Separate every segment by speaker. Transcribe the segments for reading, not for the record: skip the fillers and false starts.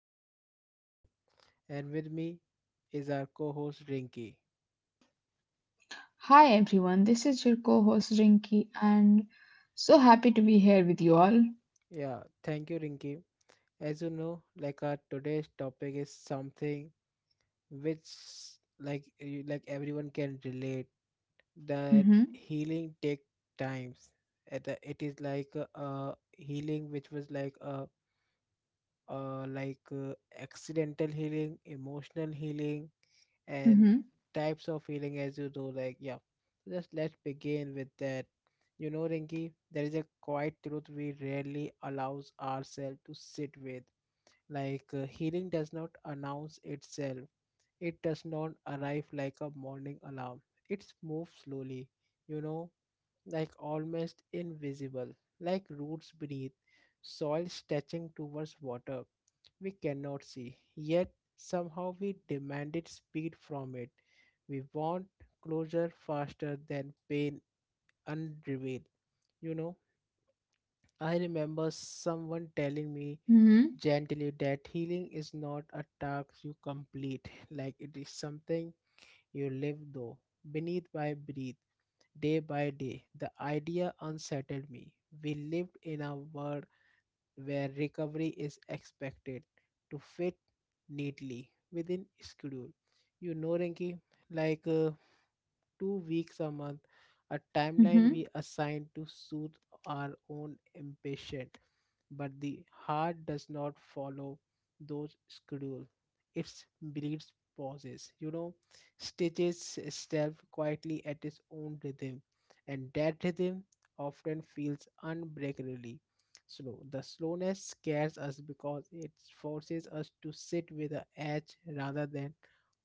Speaker 1: is your host Satyam and with me is our co-host Rinky.
Speaker 2: Hi everyone, this is your co host Rinky, and so happy to be here with you all.
Speaker 1: Yeah, thank you Rinky. As you know, our today's topic is something which everyone can relate that
Speaker 2: Mm-hmm,
Speaker 1: healing take times. It is like a, healing which was like a uh, like uh, accidental healing, emotional healing and
Speaker 2: mm-hmm,
Speaker 1: types of healing as you do yeah just let's begin with that. You know, Rinki, there is a quiet truth we rarely allows ourselves to sit with. Healing does not announce itself, it does not arrive like a morning alarm. It moves slowly, you know, like almost invisible, like roots beneath, soil stretching towards water we cannot see. Yet somehow we demanded speed from it. We want closure faster than pain unrevealed. You know, I remember someone telling me
Speaker 2: mm-hmm,
Speaker 1: gently that healing is not a task you complete, like it is something you live though, beneath by breathe. Day by day, the idea unsettled me. We lived in a world where recovery is expected to fit neatly within schedule. You know, Rinki, like uh, 2 weeks a month, a timeline
Speaker 2: mm-hmm.
Speaker 1: we assign to soothe our own impatience. But the heart does not follow those schedule. It bleeds pauses, you know, stitches itself quietly at its own rhythm, and that rhythm often feels unbreakably slow. The slowness scares us because it forces us to sit with the edge rather than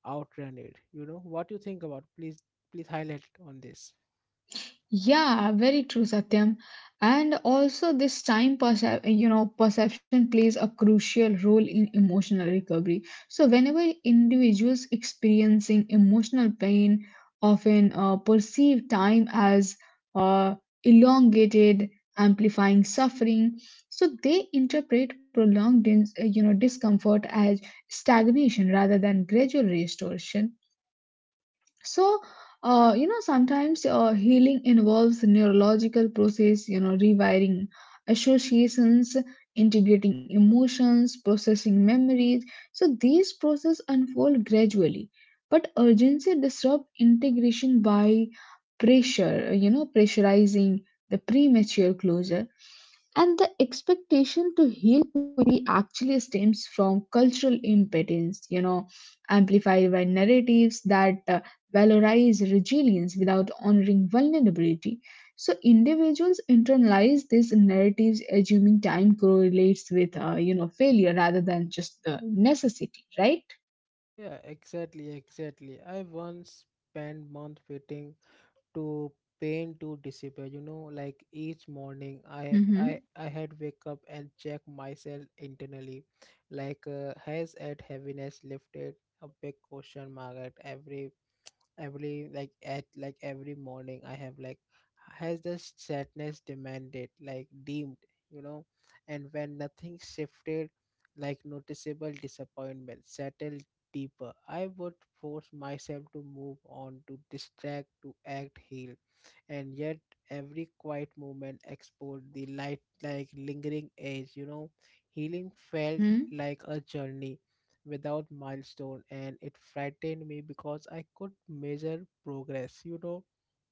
Speaker 1: outran it. You know what you think about? Please, please highlight on this.
Speaker 2: Yeah, very true, Satyam. And also, this time perception plays a crucial role in emotional recovery. So, whenever individuals experiencing emotional pain often perceive time as uh, elongated, amplifying suffering, so they interpret prolonged discomfort as stagnation rather than gradual restoration, so sometimes healing involves neurological process, rewiring associations, integrating emotions, processing memories. So these processes unfold gradually, but urgency disrupt integration by pressure you know pressurizing the premature closure. And the expectation to heal quickly actually stems from cultural impotence, amplified by narratives that valorize resilience without honoring vulnerability. So individuals internalize these narratives, assuming time correlates with, failure rather than just the necessity, right?
Speaker 1: Yeah, exactly, exactly. I once spent month waiting to pain to disappear. You know, like each morning, I
Speaker 2: Mm-hmm.
Speaker 1: I I had wake up and check myself internally, has at heaviness lifted. A big question mark at every morning I have like has the sadness demanded like deemed, you know, and when nothing shifted, like noticeable disappointment settled deeper. I would force myself to move on, to distract, to act heal, and yet every quiet moment exposed the light like lingering edge, you know. Healing felt
Speaker 2: Mm-hmm.
Speaker 1: like a journey without milestone and it frightened me because I could measure progress. You know,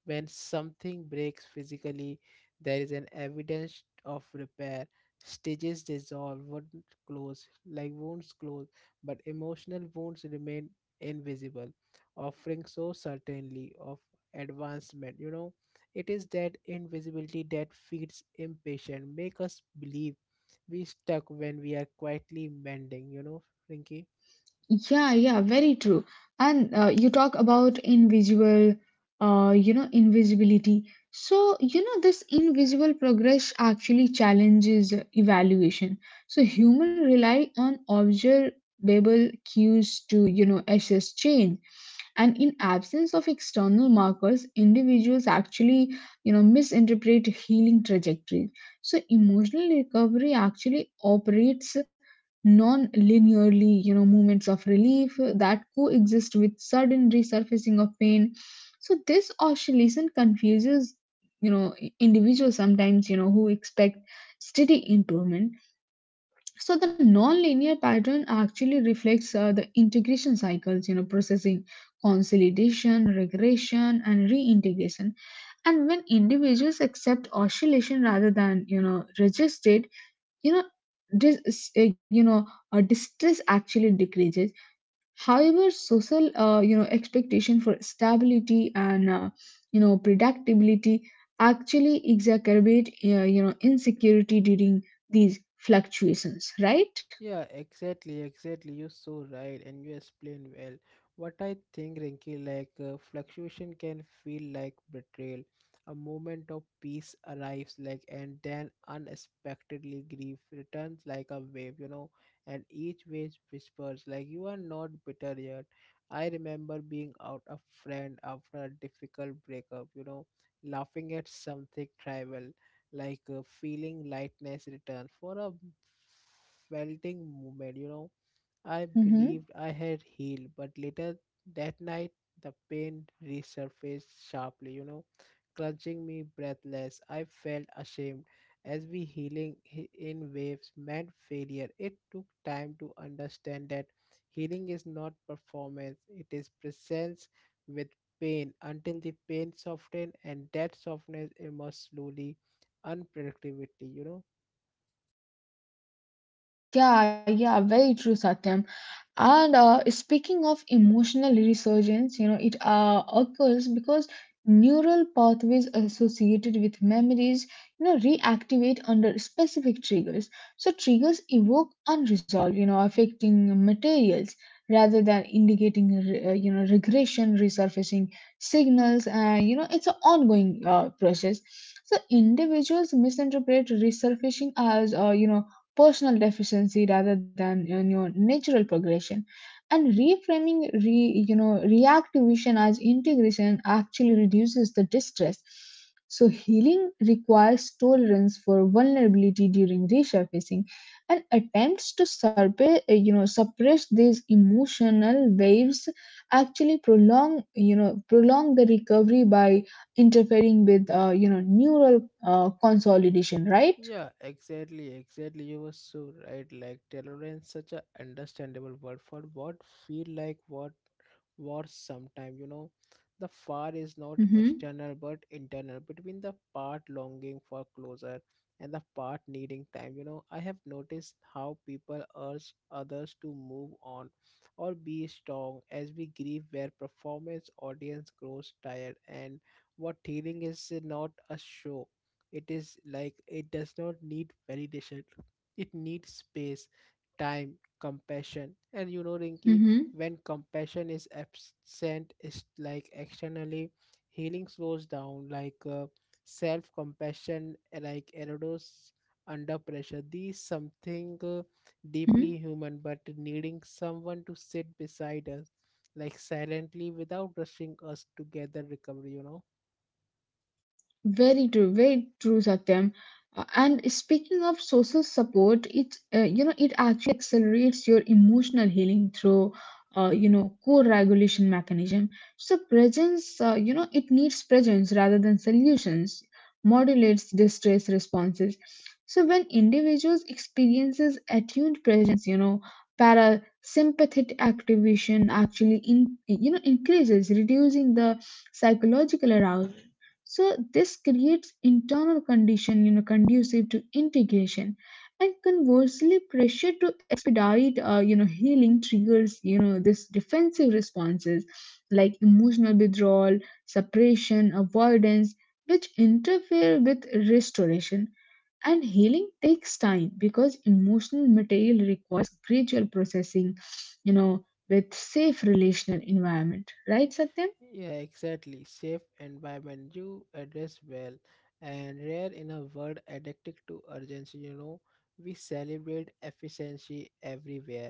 Speaker 1: when something breaks physically, there is an evidence of repair. Stages dissolve, wounds close, but emotional wounds remain invisible, offering so certainly of advancement. You know, it is that invisibility that feeds impatience, make us believe we stuck when we are quietly mending. You know, Rinky.
Speaker 2: Yeah, yeah, very true. And you talk about invisible, invisibility. So, this invisible progress actually challenges evaluation. So, human rely on observable cues to, assess change, and in absence of external markers individuals actually misinterpret healing trajectories. So emotional recovery actually operates non-linearly, moments of relief that coexist with sudden resurfacing of pain. So this oscillation confuses, you know individuals sometimes who expect steady improvement. So the non-linear pattern actually reflects the integration cycles, processing, consolidation, regression and reintegration. And when individuals accept oscillation rather than resist it, you know dis- uh, you know distress actually decreases. However, social expectation for stability and predictability actually exacerbate insecurity during these fluctuations, right?
Speaker 1: Yeah, exactly, exactly. You're so right, and you explain well. What I think, Rinky, fluctuation can feel like betrayal. A moment of peace arrives, like, and then unexpectedly grief returns like a wave, you know. And each wave whispers, like, you are not bitter yet. I remember being out a friend after a difficult breakup, you know, laughing at something trivial, feeling lightness return for a felting moment, you know. I believed
Speaker 2: Mm-hmm.
Speaker 1: I had healed, but later that night the pain resurfaced sharply, you know, clutching me breathless. I felt ashamed as we healing in waves meant failure. It took time to understand that healing is not performance, it is presence with pain until the pain softened, and that softness emerged slowly, unpredictably, you know.
Speaker 2: Yeah, yeah, very true, Satyam. And speaking of emotional resurgence, it occurs because neural pathways associated with memories, reactivate under specific triggers. So triggers evoke unresolved, affecting materials rather than indicating, regression. Resurfacing signals, it's an ongoing process. So individuals misinterpret resurfacing as, personal deficiency rather than, natural progression. And reframing re, you know reactive vision as integration actually reduces the distress. So healing requires tolerance for vulnerability during resurfacing, and attempts to suppress these emotional waves actually prolong you know prolong the recovery by interfering with neural consolidation, right?
Speaker 1: Yeah, exactly, exactly. You were so right. Like tolerance, such a understandable word for what feel like what war sometime. You know, the far is not
Speaker 2: Mm-hmm.
Speaker 1: external but internal between the part longing for closure and the part needing time. You know, I have noticed how people urge others to move on or be strong as we grieve, where performance audience grows tired, and what healing is not a show, it is like it does not need validation. It needs space, time, compassion. And you know, Rinky,
Speaker 2: Mm-hmm.
Speaker 1: when compassion is absent, it's like externally healing slows down. Self compassion, like erodes under pressure. These something deeply human, but needing someone to sit beside us, like silently without rushing us together recovery. You know.
Speaker 2: Very true, Satyam. And speaking of social support, it it actually accelerates your emotional healing through co-regulation mechanism. So presence, it needs presence rather than solutions. Modulates distress responses. So when individuals experiences attuned presence, parasympathetic activation actually in you know increases, reducing the psychological arousal. So this creates internal condition, conducive to integration. And conversely, pressure to expedite healing triggers, this defensive responses like emotional withdrawal, suppression, avoidance, which interfere with restoration. And healing takes time because emotional material requires gradual processing, with safe relational environment, right
Speaker 1: Yeah, exactly. Safe environment you address well and rare in a world addicted to urgency, you know. We celebrate efficiency everywhere.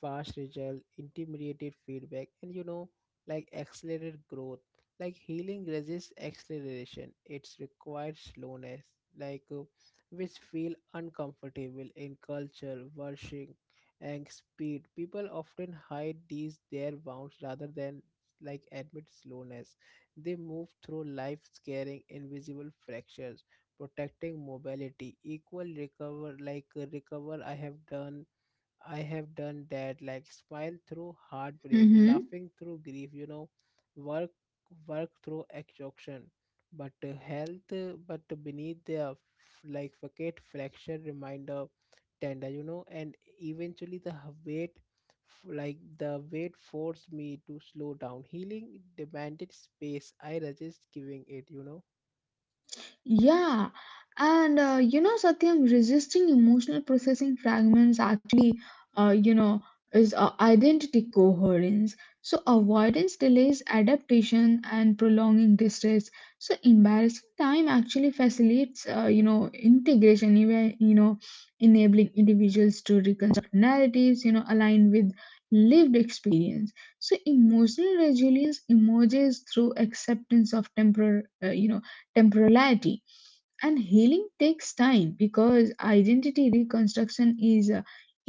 Speaker 1: Fast result, intimidated feedback, and you know, like accelerated growth. Like healing resists acceleration. It's requires slowness, like uh, which feel uncomfortable in culture, worship, and speed. People often hide these their wounds rather than like admit slowness. They move through life carrying invisible fractures, protecting mobility. Equal recover recover I have done that, like smile through heartbreak,
Speaker 2: Satyam?
Speaker 1: laughing through grief, you know, work work through exhaustion. But but beneath the like facade fracture reminder tender, you know, and eventually the weight, like the weight forced me to slow down. Healing demanded space. I resist giving it, you know.
Speaker 2: Yeah, and Satyam, resisting emotional processing fragments actually, uh, you know, is identity coherence. So, avoidance delays adaptation and prolonging distress. So, embarrassing time actually facilitates, integration, even, enabling individuals to reconstruct narratives, aligned with lived experience. So, emotional resilience emerges through acceptance of temporal, temporality. And healing takes time because identity reconstruction is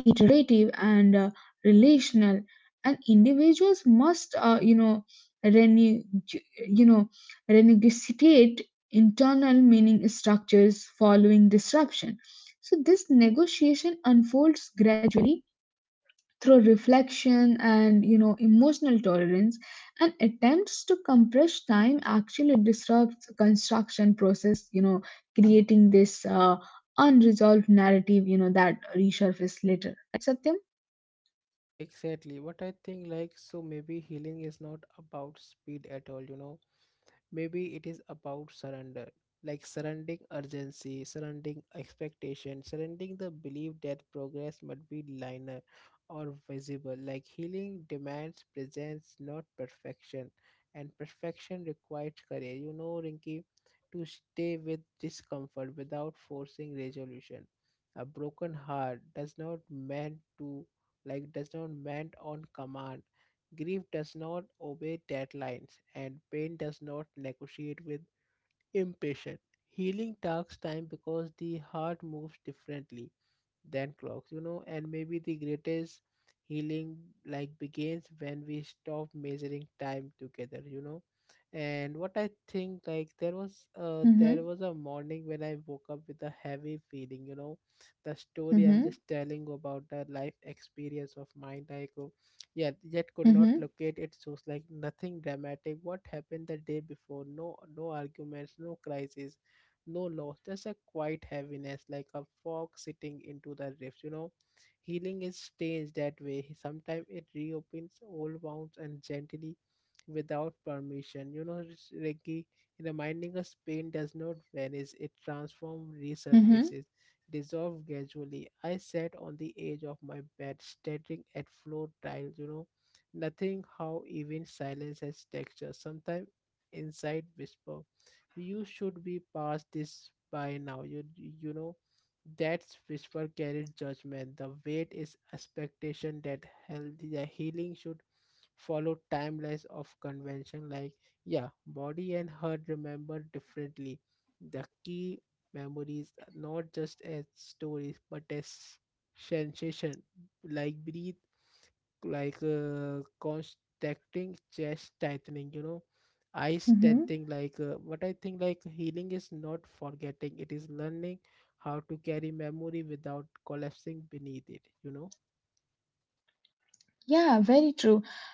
Speaker 2: iterative and relational, and individuals must renew, you know renegotiate internal meaning structures following disruption. So this negotiation unfolds gradually through reflection and, emotional tolerance, and attempts to compress time actually disrupts the construction process, creating this unresolved narrative, that resurface later, right Satyam?
Speaker 1: Yeah, exactly. What I think, like, so maybe healing is not about speed at all, you know, maybe it is about surrender, like surrendering urgency, surrendering expectation, surrendering the belief that progress must be linear or visible. Like healing demands presence not perfection, and perfection requires courage, you know, Rinky, to stay with discomfort without forcing resolution. A broken heart does not meant to, like does not meant on command. Grief does not obey deadlines, and pain does not negotiate with impatience. Healing takes time because the heart moves differently than clocks, you know, and maybe the greatest healing like begins when we stop measuring time together, you know. And what I think like there was uh
Speaker 2: Mm-hmm.
Speaker 1: there was a morning when I woke up with a heavy feeling, you know. The story I'm
Speaker 2: Mm-hmm.
Speaker 1: just telling about the life experience of mine, I go yeah, yet could not
Speaker 2: Mm-hmm.
Speaker 1: locate it source, like nothing dramatic. What happened the day before? No arguments, no crisis, no loss, just a quiet heaviness, like a fog sitting into the rifts. You know, healing is strange that way. Sometimes it reopens old wounds and gently without permission. You know, it's Ricky, reminding us pain does not vanish, it transforms,
Speaker 2: Mm-hmm.
Speaker 1: resurfaces, dissolves gradually. I sat on the edge of my bed, staring at floor tiles, you know, nothing how even silence has texture. Sometimes inside whisper, you should be past this by now. You know, that whisper carried judgment. The weight is expectation that healthy the healing should follow timelines of convention, like yeah body and heart remember differently. The key memories are not just as stories but as sensation, like breathe, contracting chest tightening, you know, eyes
Speaker 2: Mm-hmm.
Speaker 1: tenting, what I think like healing is not forgetting, it is learning how to carry memory without collapsing beneath it, you know.
Speaker 2: Yeah, very true.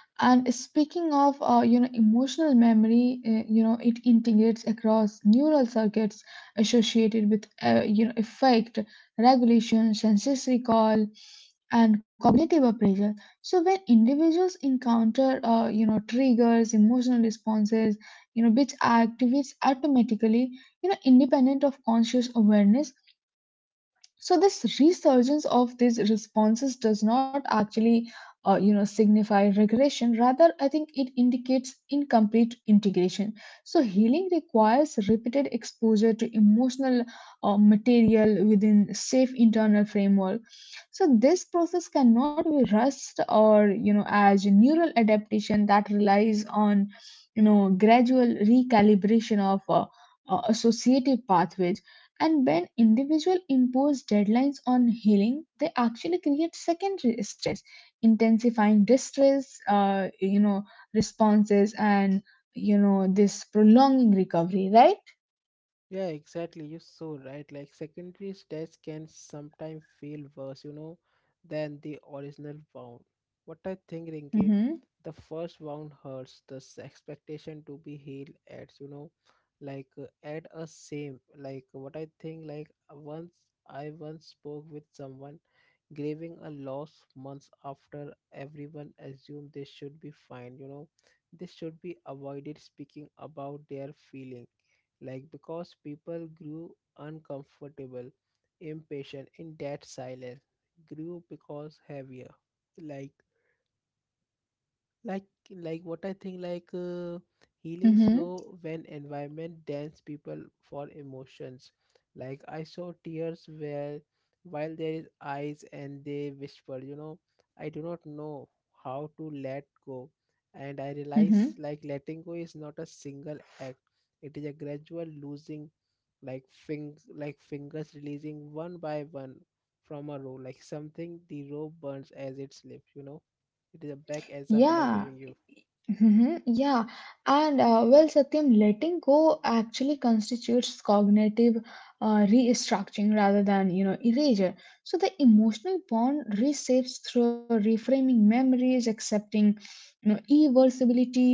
Speaker 2: And speaking of, emotional memory, it integrates across neural circuits associated with, affect, regulation, sensory recall, and cognitive appraisal. So when individuals encounter, triggers, emotional responses, which activates automatically, independent of conscious awareness, so this resurgence of these responses does not actually signify regression. Rather, I think it indicates incomplete integration. So healing requires repeated exposure to emotional material within safe internal framework. So this process cannot be rushed, or as neural adaptation that relies on, gradual recalibration of associative pathways. And when individuals impose deadlines on healing, they actually create secondary stress, intensifying distress, responses, and this prolonging recovery. Right?
Speaker 1: Yeah, exactly. You're so right. Like secondary stats can sometimes feel worse, you know, than the original wound. What I think, Rinke,
Speaker 2: Mm-hmm.
Speaker 1: the first wound hurts. The expectation to be healed adds, you know, add a same. Like what I think, like once I once spoke with someone grieving a loss months after everyone assumed they should be fine. You know, they should be avoided speaking about their feeling like because people grew uncomfortable, impatient in that silence, grew because heavier, like like what I think healing
Speaker 2: Mm-hmm.
Speaker 1: slow when environment dance people for emotions, like I saw tears where while there is eyes and they whisper, you know, I do not know how to let go, and I realize
Speaker 2: Mm-hmm.
Speaker 1: like letting go is not a single act, it is a gradual losing, like fingers releasing one by one from a rope, like something the rope burns as it slips, you know, it is a back example I'm
Speaker 2: Yeah,
Speaker 1: giving you.
Speaker 2: mhm, yeah, and well, Satyam, letting go actually constitutes cognitive restructuring rather than, erasure. So the emotional bond reshapes through reframing memories, accepting, irreversibility,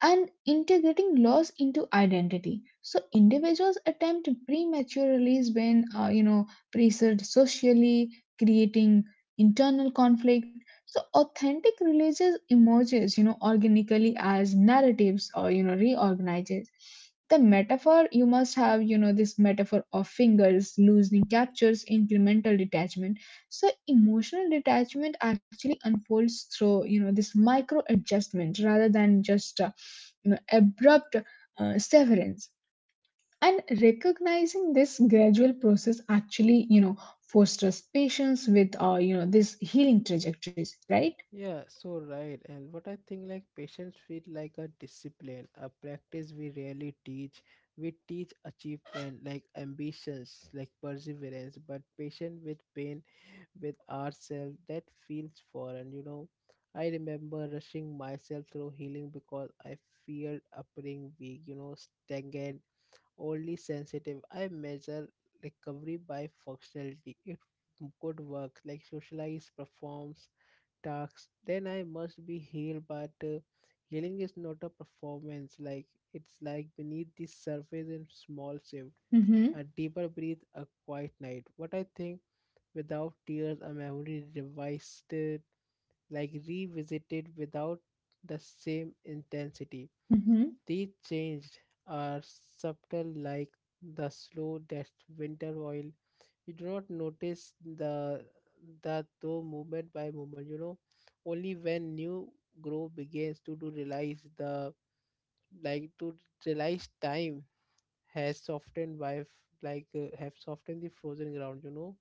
Speaker 2: and integrating loss into identity. So individuals attempt premature release when pressured socially, creating internal conflict, so authentic religious emerges, organically as narratives or, reorganizes. The metaphor you must have, this metaphor of fingers loosening captures incremental detachment. So emotional detachment actually unfolds through, this micro adjustment rather than just, abrupt severance, and recognizing this gradual process actually, fosters patience with, these healing trajectories, right?
Speaker 1: Yeah so right, and what I think like patience feel like a discipline, a practice we rarely teach. We teach achievement, like ambitions, like perseverance, but patient with pain, with ourselves, that feels foreign, you know. I remember rushing myself through healing because I feared appearing weak, you know, stagnant, only sensitive. I measure recovery by functionality. If good work like socialize, performs tasks, then I must be healed. But healing is not a performance. Like it's like beneath the surface in small shift,
Speaker 2: Mm-hmm.
Speaker 1: a deeper breath, a quiet night. What I think without tears, a memory revised, revisited without the same intensity.
Speaker 2: Mm-hmm.
Speaker 1: These changes are subtle, like the slow death winter oil. You do not notice the that though moment by moment. You know, only when new growth begins to realize the like to realize time has softened by have softened the frozen ground. You know,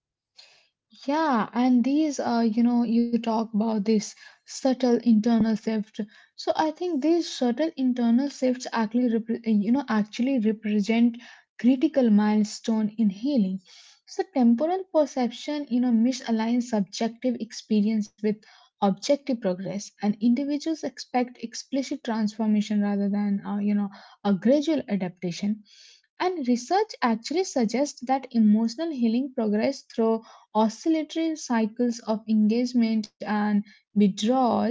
Speaker 2: Yeah, and these are, you talk about this subtle internal shift. So I think these subtle internal shifts actually, actually represent critical milestone in healing. So temporal perception, misaligns subjective experience with objective progress, and individuals expect explicit transformation rather than, a gradual adaptation. And research actually suggests that emotional healing progress through oscillatory cycles of engagement and withdrawal,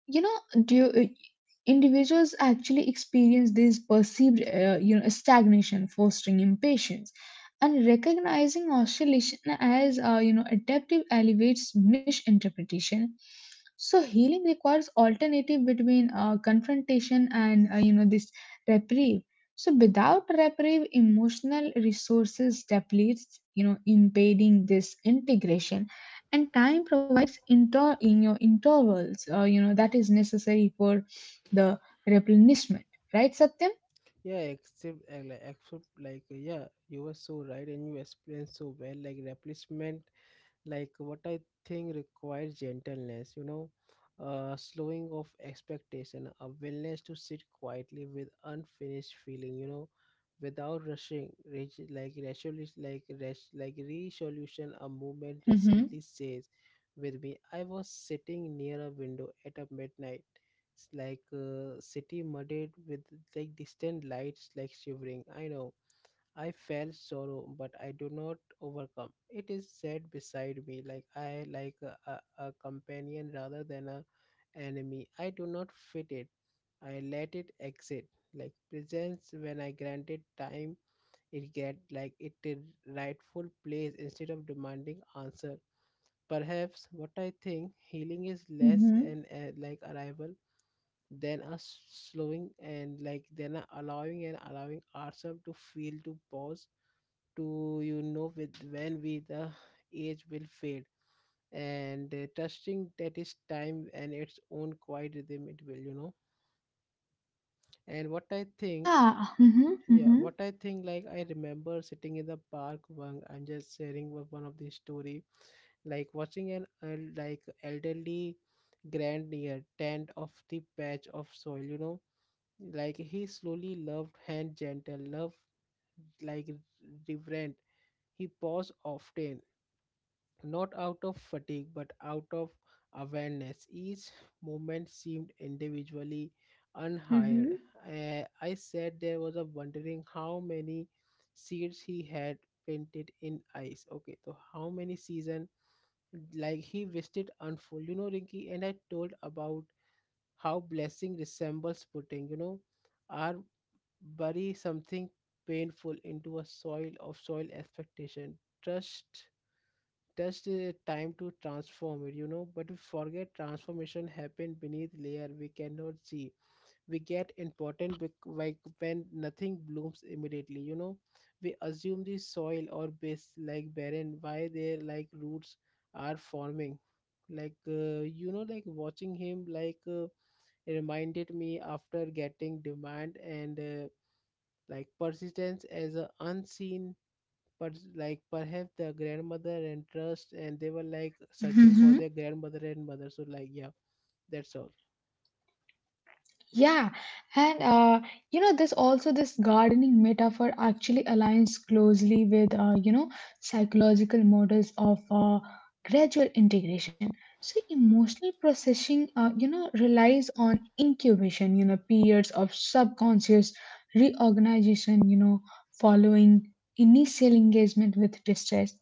Speaker 2: do individuals actually experience this perceived stagnation, fostering impatience. And recognizing oscillation as adaptive elevates misinterpretation. So healing requires alternative between confrontation and, this reprieve. So without reprieve, emotional resources depletes, impeding this integration, and time provides intervals, that is necessary for the replenishment, right Satyam?
Speaker 1: yeah, except like, except like yeah, you were so right and you explained so well. Like replacement like what I think requires gentleness, you know, slowing of expectation, a willingness to sit quietly with unfinished feeling, you know, without rushing reach, resolution, like resolution, a movement
Speaker 2: Mm-hmm.
Speaker 1: recently says with me. I was sitting near a window at a midnight. It's like city muddied with like distant lights, like shivering, I know. I felt sorrow, but I do not overcome. It is sat beside me like I like a companion rather than a enemy. I do not fit it. I let it exit like presence when I granted time. It get like it a rightful place instead of demanding answer. Perhaps what I think healing is less
Speaker 2: Mm-hmm.
Speaker 1: and like arrival than us slowing and like then allowing and allowing ourselves to feel, to pause, to, you know, with when we the age will fade, and trusting that is time and its own quiet rhythm, it will, you know. And what I think,
Speaker 2: Yeah. Hmm.
Speaker 1: yeah,
Speaker 2: Hmm.
Speaker 1: what I think like I remember sitting in the park one, I'm just sharing with one of the story, like watching like elderly grandeur tend of the patch of soil, you know. Like he slowly loved hand gentle love, like reverent. He paused often, not out of fatigue but out of awareness. Each moment seemed individually unhired.
Speaker 2: Mm-hmm.
Speaker 1: I sat there was a wondering how many seeds he had painted in ice. Okay, so how many season like he wished unfold. You know, Rinky, and I told about how blessing resembles putting, you know, or bury something painful into a soil of soil expectation. Trust just a time to transform it, you know, but we forget transformation happen beneath layer we cannot see. We get important like when nothing blooms immediately, you know, we assume the soil or base like barren, why their like roots are forming. You know, like watching him, reminded me after getting demand and like persistence as a unseen, but like perhaps the grandmother and trust and they were like searching for
Speaker 2: Hmm.
Speaker 1: their grandmother and mother. So like yeah, that's all.
Speaker 2: Yeah, and this also this gardening metaphor actually aligns closely with, psychological models of, gradual integration. So emotional processing, relies on incubation. You know, periods of subconscious reorganization. You know, following initial engagement with distress.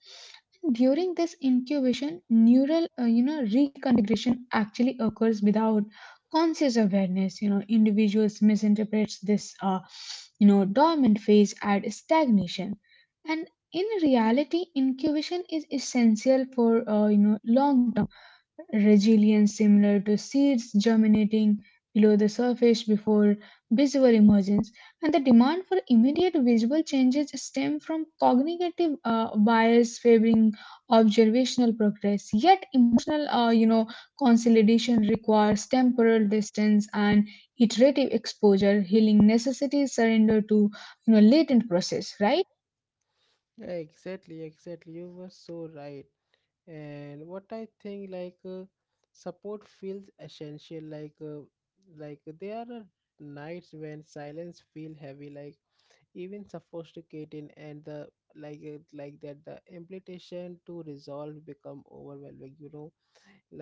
Speaker 2: During this incubation, neural, reconfiguration actually occurs without conscious awareness. You know, individuals misinterprets this dormant phase as stagnation. And in reality, incubation is essential for, long resilience, similar to seeds germinating below the surface before visual emergence. And the demand for immediate visual changes stem from cognitive bias favoring observational progress. Yet emotional, consolidation requires temporal distance and iterative exposure. Healing necessities surrender to, latent process, right?
Speaker 1: Yeah, exactly, exactly, you were so right. And what I think support feels essential, like there are nights when silence feel heavy, like even sophisticated and the like it, like that the implication to resolve become overwhelming, you know.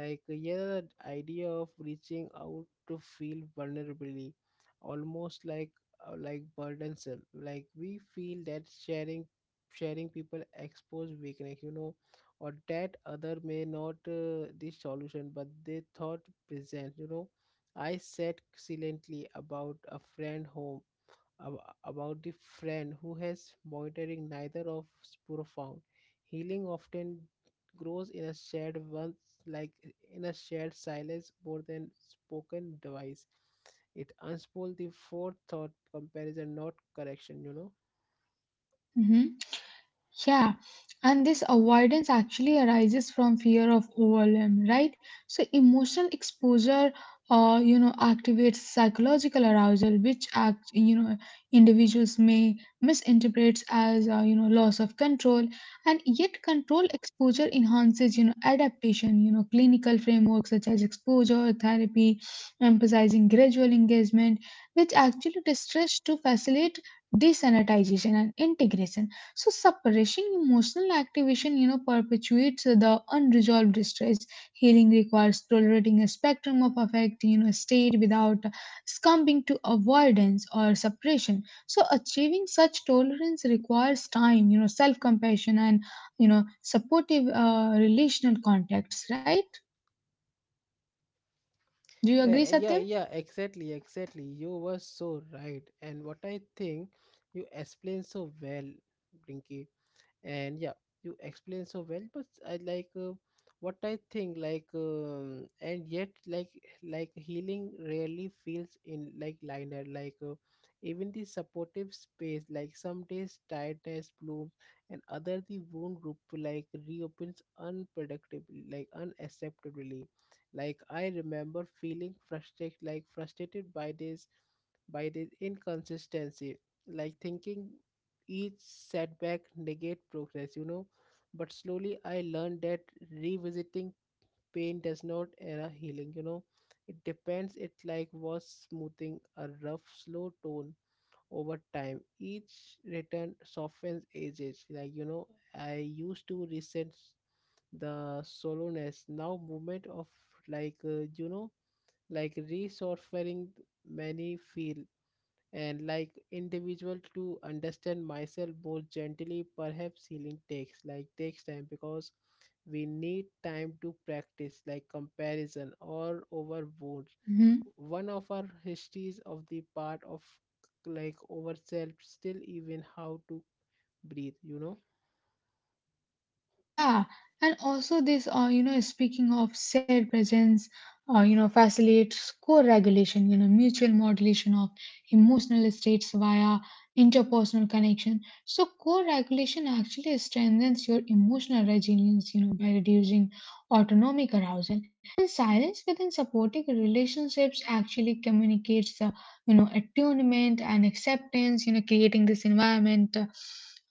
Speaker 1: yeah, the idea of reaching out to feel vulnerably almost like burdensome, like we feel that sharing people expose weakness, you know, or that other may not the solution but they thought present, you know. I said silently about a friend home, about the friend who has monitoring neither of profound healing often grows in a shared once, like in a shared silence more than spoken device. It unspools the fourth thought comparison, not correction, you know.
Speaker 2: Yeah, and this avoidance actually arises from fear of overwhelm, right? So emotional exposure, activates psychological arousal, which individuals may misinterpret as, loss of control. And yet, control exposure enhances, adaptation. You know, clinical frameworks such as exposure therapy, emphasizing gradual engagement, which actually distress to facilitate desanitization and integration. So suppressing emotional activation, perpetuates the unresolved distress. Healing requires tolerating a spectrum of affect, state without succumbing to avoidance or suppression. So achieving such tolerance requires time, self-compassion and, supportive relational contacts. Right? Do you agree,
Speaker 1: Yeah, yeah,
Speaker 2: Satyam?
Speaker 1: yeah, exactly, exactly, you were so right. And what I think, you explained so well, Brinky. And yeah, you explain so well but I like, what I think like and yet like healing rarely feels in like liner, even the supportive space, like some days tiredness blooms and other the wound group like reopens unpredictably, like unacceptably. Like I remember feeling frustrated, like frustrated by this, by this inconsistency, like thinking each setback negate progress, you know. But slowly I learned that revisiting pain does not era healing, you know. It depends, it like was smoothing a rough, slow tone over time. Each return softens ages. Like, you know, I used to resent the solowness. Now movement of you know, like resurfacing many feel, and like individual to understand myself more gently. Perhaps healing takes like takes time because we need time to practice like comparison or over wounds,
Speaker 2: Hmm.
Speaker 1: one of our histories of the part of like over self, still even how to breathe, you know.
Speaker 2: Yeah, and also this, speaking of said presence, facilitates co-regulation, mutual modulation of emotional states via interpersonal connection. So co-regulation actually strengthens your emotional resilience, by reducing autonomic arousal. And silence within supporting relationships actually communicates, attunement and acceptance, creating this environment, uh,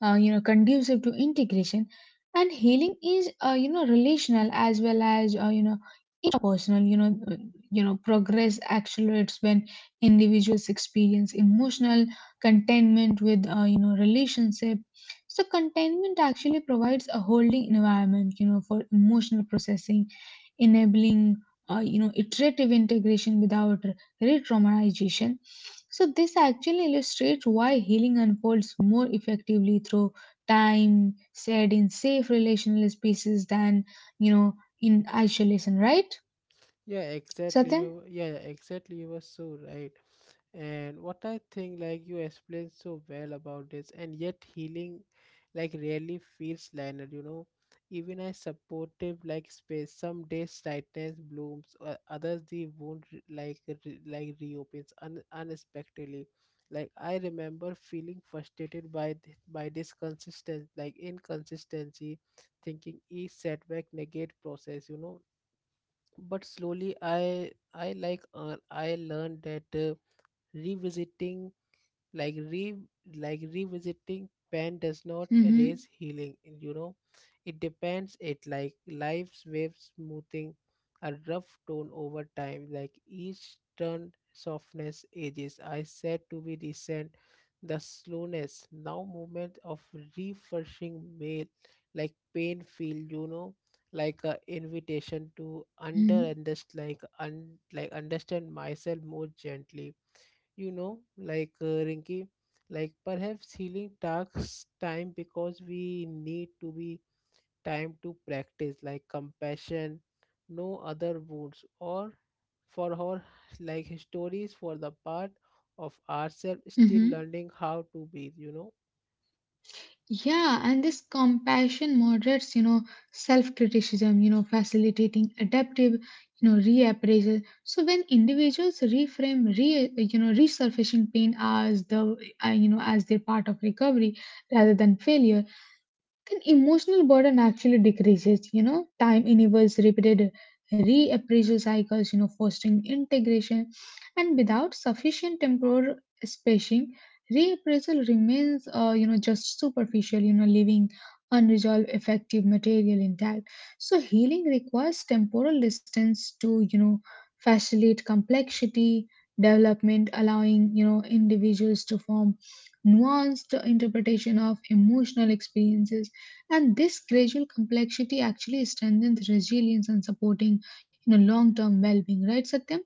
Speaker 2: uh, you know, conducive to integration. And healing is, relational as well as, interpersonal, progress accelerates when individuals experience emotional contentment with, relationship. So contentment actually provides a holding environment, for emotional processing, enabling, iterative integration without re-traumatization. So this actually illustrates why healing unfolds more effectively through time said in safe relational spaces than, you know in isolation, right
Speaker 1: Yeah, exactly.
Speaker 2: Satyam?
Speaker 1: You, yeah, exactly. You were so right. And what I think, like, you explained so well about this, and yet healing, like, rarely feels linear, you know. Even a supportive, like, space, some days tightness blooms, others the wound, like, like reopens unexpectedly. Like, I remember feeling frustrated by by this consistent, like, inconsistency, thinking each setback negate process, you know. But slowly I I learned that, revisiting like re like revisiting pain does not erase
Speaker 2: Mm-hmm.
Speaker 1: healing, you know. It depends, it like life's waves smoothing a rough tone over time. Like each turn softness ages. I said to be recent the slowness. Now movement of refreshing mail, like pain feel, you know, like a invitation to
Speaker 2: Mm-hmm.
Speaker 1: understand, like understand myself more gently, you know. Rinky, like perhaps healing takes time because we need to be time to practice like compassion, no other wounds or for her, like stories for the part of ourselves still
Speaker 2: Mm-hmm.
Speaker 1: learning how to breathe, you know.
Speaker 2: Yeah, and this compassion moderates, self-criticism, facilitating adaptive, reappraisal. So when individuals reframe, resurfacing pain as their part of recovery rather than failure, then emotional burden actually decreases. You know, time enables repeated reappraisal cycles, you know, fostering integration. And without sufficient temporal spacing, reappraisal remains just superficial, you know, leaving unresolved effective material intact. So healing requires temporal distance to, you know, facilitate complexity development, allowing, you know, individuals to form nuanced interpretation of emotional experiences. And this gradual complexity actually strengthens resilience and supporting, you know, long-term well-being, right, Satyam?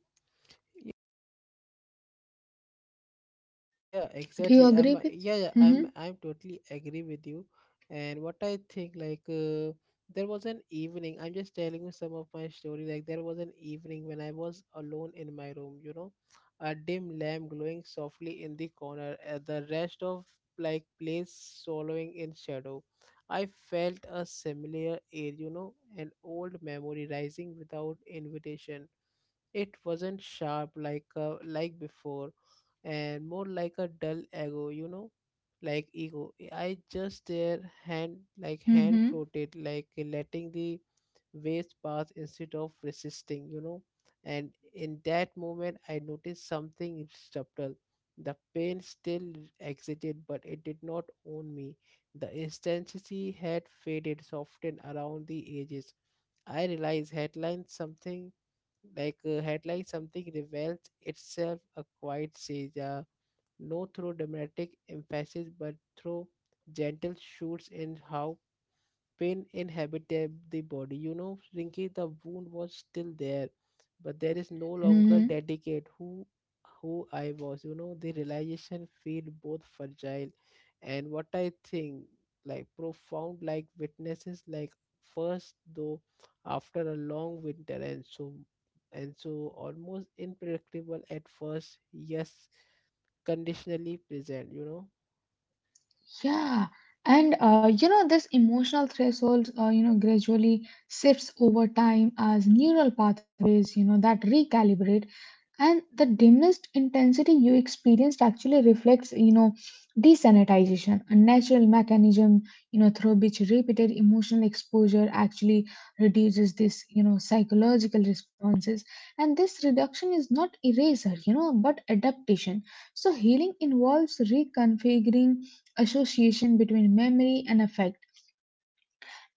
Speaker 1: Yeah,
Speaker 2: Do
Speaker 1: exactly.
Speaker 2: you
Speaker 1: I'm,
Speaker 2: agree with?
Speaker 1: yeah, yeah, I'm
Speaker 2: Mm-hmm.
Speaker 1: I'm totally agree with you. And what I think like, there was an evening. I'm just telling you some of my story. Like there was an evening when I was alone in my room, you know, a dim lamp glowing softly in the corner, the rest of like place swallowing in shadow. I felt a similar air, you know, an old memory rising without invitation. It wasn't sharp like before, and more like a dull ego, you know, like ego. I just their hand like hand
Speaker 2: Mm-hmm.
Speaker 1: floated, like letting the waves pass instead of resisting, you know. And in that moment, I noticed something subtle. The pain still exited, but it did not own me. The intensity had faded, softened around the edges. I realized headline something headline something reveals itself a quiet siege, no through dramatic emphasis but through gentle shoots in how pain inhabited the body. You know, Rinky, the wound was still there, but there is no longer
Speaker 2: Mm-hmm.
Speaker 1: dedicate who I was. You know, the realization feel both fragile, and what I think like profound, like witnesses, like first though after a long winter, and so almost unpredictable at first, yes, conditionally present, you know.
Speaker 2: Yeah. And you know, this emotional threshold, you know, gradually shifts over time as neural pathways, you know, that recalibrate. And the dimmest intensity you experienced actually reflects, you know, desanitization, a natural mechanism, you know, through which repeated emotional exposure actually reduces this, you know, psychological responses. And this reduction is not eraser, you know, but adaptation. So healing involves reconfiguring association between memory and affect.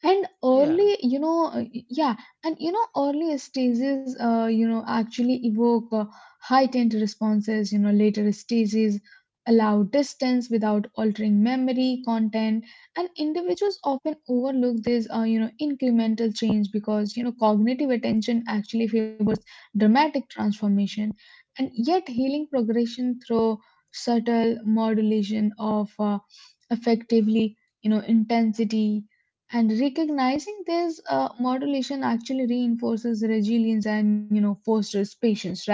Speaker 2: And
Speaker 1: Yeah.
Speaker 2: early, you know, yeah, and you know, early stages you know, actually evoke heightened responses, you know. Later stages allow distance without altering memory content. And individuals often overlook this you know, incremental change because, you know, cognitive attention actually favors dramatic transformation, and yet healing progression through subtle modulation of effectively, you know, intensity. And recognizing this modulation actually reinforces resilience and, you know, fosters patience, right?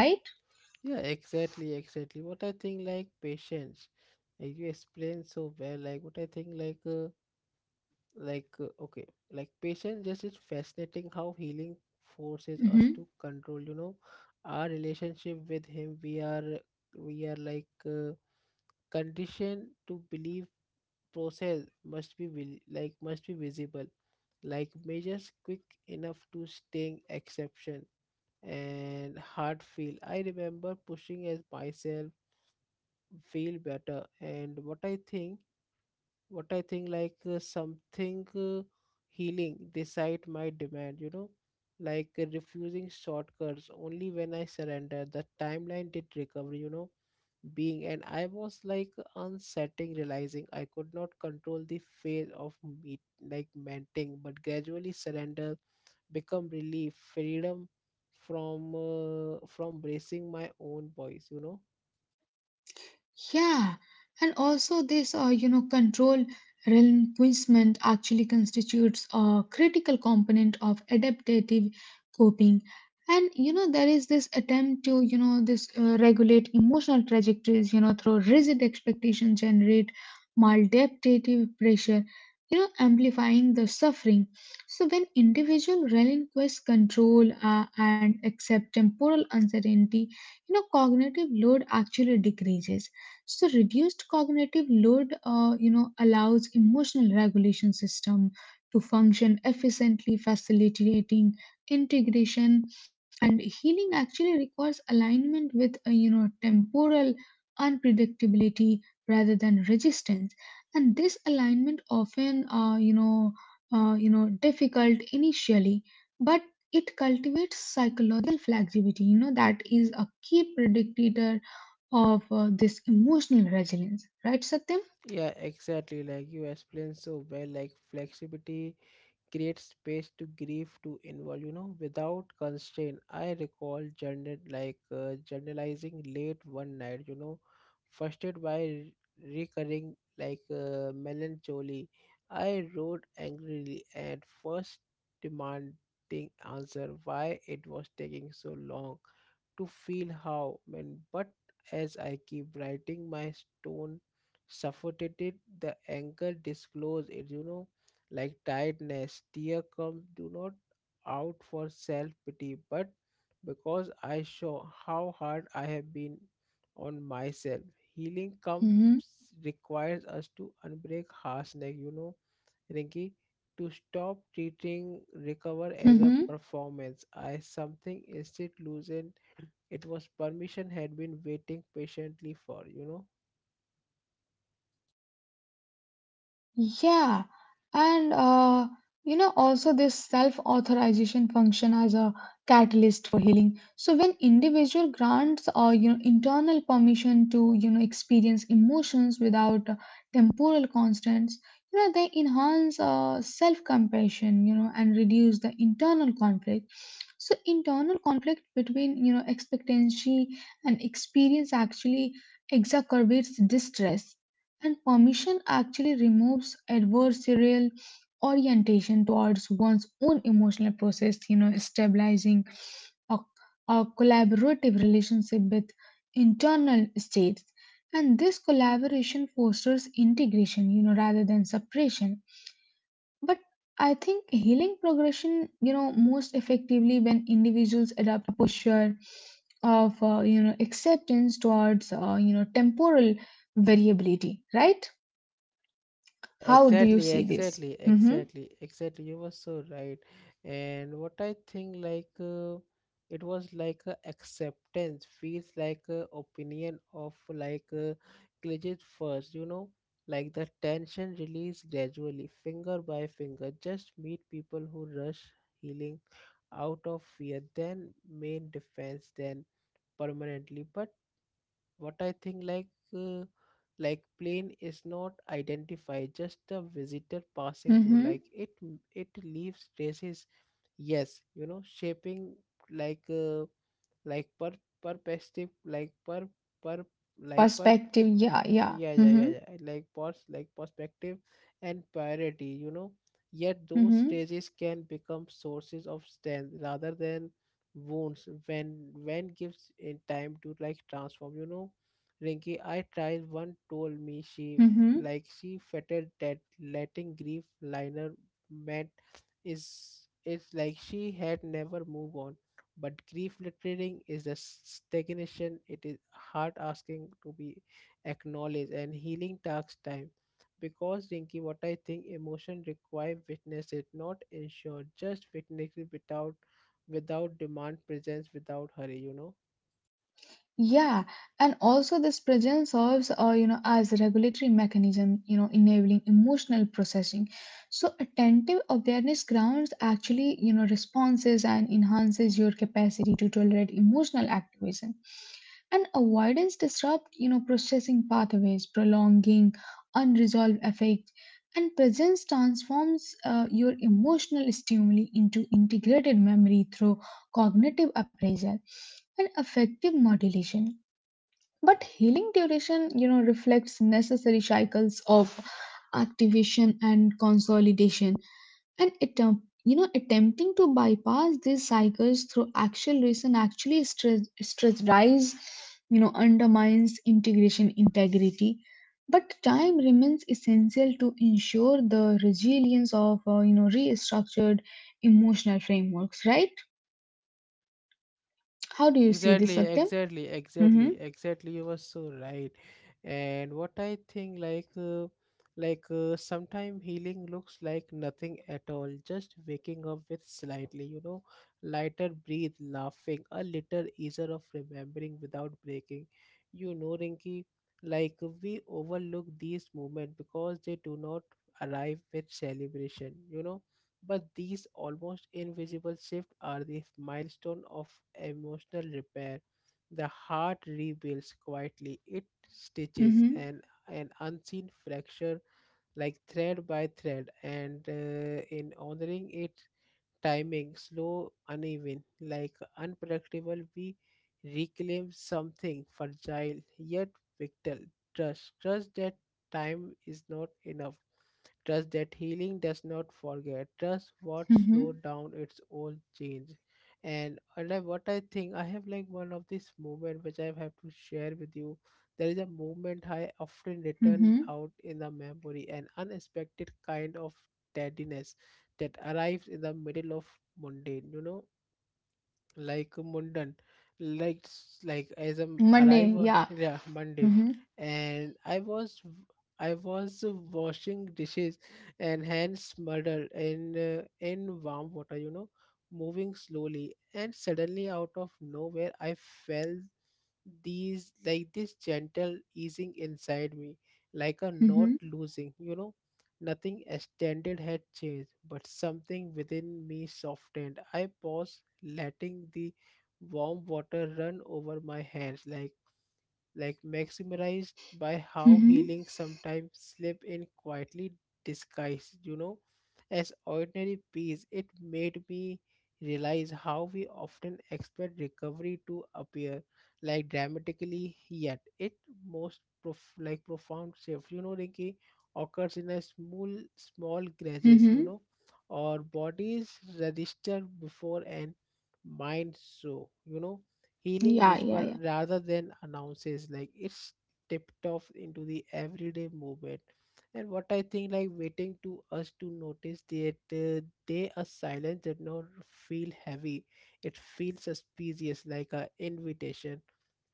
Speaker 1: Yeah, exactly, exactly. What I think like patience, like you explained so well. Like what I think okay, like patience just is fascinating how healing forces us to control. You know, our relationship with him. We are conditioned to believe process must be like must be visible, like measures quick enough to sting exception and hard feel. I remember pushing as myself feel better. And what I think, what I think something, healing this site might demand, you know, refusing shortcuts. Only when I surrender the timeline did recover, you know, being. And I was like unsettling, realizing I could not control the phase of meet like menting, but gradually surrender become relief, freedom from, from bracing my own voice, you know.
Speaker 2: Yeah, and also this, you know, control relinquishment actually constitutes a critical component of adaptive coping. And you know, there is this attempt to, you know, this regulate emotional trajectories, you know, through rigid expectations, generate maladaptive pressure, you know, amplifying the suffering. So when individual relinquish control, and accept temporal uncertainty, you know, cognitive load actually decreases. So reduced cognitive load, you know, allows emotional regulation system to function efficiently, facilitating integration and healing. Actually, requires alignment with, you know, temporal unpredictability rather than resistance, and this alignment often, you know, difficult initially, but it cultivates psychological flexibility. You know, that is a key predictor of this emotional resilience, right, Satyam?
Speaker 1: Yeah, exactly. Like you explained so well, like flexibility creates space to grieve, to involve, you know, without constraint. I recall journal journalizing late one night, you know, frustrated by recurring melancholy. I wrote angrily at first, demanding answer why it was taking so long to feel how when. But as I keep writing my stone suffocated, the anger disclosed, it, you know, like tiredness tear come do not out for self pity but because I show how hard I have been on myself. Healing comes
Speaker 2: Mm-hmm.
Speaker 1: requires us to unbreak harsh neck, you know, Rinki, to stop treating recover as a
Speaker 2: Mm-hmm.
Speaker 1: performance. I something instead loosen, it was permission had been waiting patiently for, you know.
Speaker 2: Yeah, and you know, also this self-authorization function as a catalyst for healing. So when individual grants or, you know, internal permission to, you know, experience emotions without temporal constraints, you know, they enhance self-compassion, you know, and reduce the internal conflict. So internal conflict between, you know, expectancy and experience actually exacerbates distress, and permission actually removes adversarial orientation towards one's own emotional process, you know, stabilizing a, a collaborative relationship with internal states. And this collaboration fosters integration, you know, rather than separation. But I think healing progression, you know, most effectively when individuals adopt a posture of, you know, acceptance towards, you know, temporal variability, right?
Speaker 1: Yeah,
Speaker 2: How do you
Speaker 1: exactly,
Speaker 2: see this?
Speaker 1: exactly,
Speaker 2: Mm-hmm.
Speaker 1: exactly, exactly, you were so right. And what I think, like, it was like a acceptance, feels like a opinion of glitches first, you know, like the tension release gradually, finger by finger. Just meet people who rush healing out of fear, then main defense, then permanently. But what I think uh, like plane is not identified, just a visitor passing through, like
Speaker 2: Mm-hmm.
Speaker 1: it leaves traces, yes, you know, shaping like uh, like per perspective, like per per like per
Speaker 2: Perspective. Yeah. Yeah.
Speaker 1: yeah, yeah, yeah,
Speaker 2: Mm-hmm.
Speaker 1: yeah, like perspective and priority, you know, yet those
Speaker 2: Mm-hmm.
Speaker 1: stages can become sources of strength rather than wounds, when gives in time to like transform, you know. Rinki, I tried one told me she
Speaker 2: Mm-hmm.
Speaker 1: like she fetted that letting grief liner meant is it's like she had never moved on. But grief lettering is a stagnation, it is heart asking to be acknowledged. And healing takes time because, Rinki, what I think emotion require witness it, not ensure, just witness it without without demand presence, without hurry, you know.
Speaker 2: Yeah, and also this presence serves, you know, as a regulatory mechanism, you know, enabling emotional processing. So attentive awareness grounds actually, you know, responses and enhances your capacity to tolerate emotional activation. And avoidance disrupt, you know, processing pathways, prolonging unresolved affect. And presence transforms your emotional stimuli into integrated memory through cognitive appraisal and affective modulation. But healing duration, you know, reflects necessary cycles of activation and consolidation. And attempt, you know, attempting to bypass these cycles through acceleration actually stress rise, you know, undermines integration integrity. But time remains essential to ensure the resilience of, you know, restructured emotional frameworks, right? How
Speaker 1: Yeah,
Speaker 2: do you see this,
Speaker 1: exactly,
Speaker 2: Satya?
Speaker 1: exactly, exactly,
Speaker 2: Mhm.
Speaker 1: exactly, you were so right. And what I think, like, sometime healing looks like nothing at all. Just waking up with slightly, you know, lighter breathe, laughing, a little easier of remembering without breaking. You know, Rinky. Like we overlook these moments because they do not arrive with celebration. But these almost invisible shifts are the milestone of emotional repair. The heart rebuilds quietly, it stitches
Speaker 2: Mhm.
Speaker 1: an unseen fracture like thread by thread, and in honoring it, timing, slow, uneven, like unpredictable, we reclaim something fragile yet vital. Trust, trust that time is not enough. Trust that healing does not forget. Trust what
Speaker 2: Mhm.
Speaker 1: slowed down its own change. And and I- like What I think, I have like one of this moment which I have to share with you. There is a moment I often return
Speaker 2: Mhm.
Speaker 1: out in the memory, an unexpected kind of steadiness that arrives in the middle of mundane you know mundane like s- like as a m-
Speaker 2: Monday,
Speaker 1: arrive
Speaker 2: yeah.
Speaker 1: yeah, mundane.
Speaker 2: Mhm.
Speaker 1: And I was i was washing dishes and hands smothered in warm water, moving slowly, and suddenly out of nowhere I felt these like this gentle easing inside me, like a not
Speaker 2: Mhm.
Speaker 1: losing, you know. Nothing extended had changed, but something within me softened. I paused, letting the warm water run over my hands, like maximized by how
Speaker 2: Mhm.
Speaker 1: healing sometimes slip in quietly disguised, you know, as ordinary peace. It made me realize how we often expect recovery to appear like dramatically, yet it most prof- like profound shift, you know, Rinki, occurs in a small, small grudges, you
Speaker 2: Mhm.
Speaker 1: know, or bodies register before and mind so, you know, healing
Speaker 2: Yeah, yeah, yeah.
Speaker 1: whisper rather than announces like it's tipped off into the everyday movement. And what I think, like waiting to us to notice that they are silent did not feel heavy, it feels suspicious like a invitation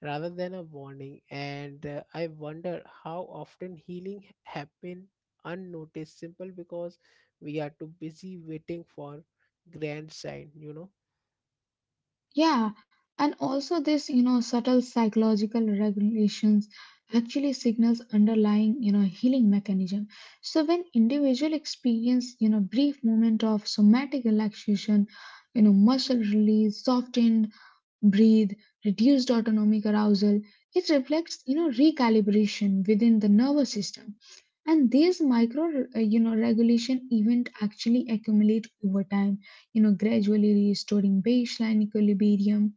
Speaker 1: rather than a warning. And I wonder how often healing happen unnoticed simple because we are too busy waiting for grand sign, you know.
Speaker 2: Yeah, and also this, you know, subtle psychological regulations actually signals underlying, you know, healing mechanism. So when individual experience, you know, brief moment of somatic relaxation, you know, muscle release, softened breathe, reduced autonomic arousal, it reflects, you know, recalibration within the nervous system. And these micro, you know, regulation event actually accumulate over time, you know, gradually restoring baseline equilibrium.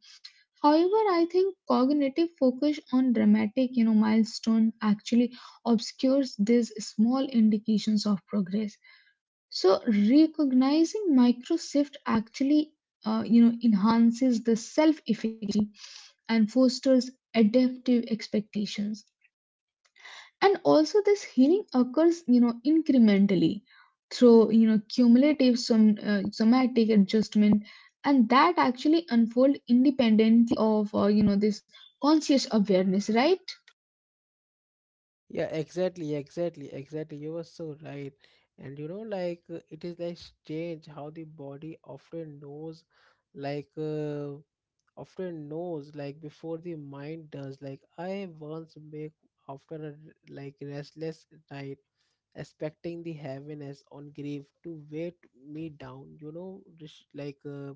Speaker 2: However, I think cognitive focus on dramatic, you know, milestone actually obscures these small indications of progress. So recognizing micro shift actually, you know, enhances the self-efficacy and fosters adaptive expectations. And also this healing occurs, you know, incrementally through, you know, cumulative somatic adjustment, and that actually unfold independently of, you know, this conscious awareness, right?
Speaker 1: Yeah, exactly, exactly, exactly. You were so right. And you know, like it is like strange how the body often knows, like uh, often knows, like before the mind does. Like I once make after a restless night, expecting the heaviness on grief to weight me down. You know, just like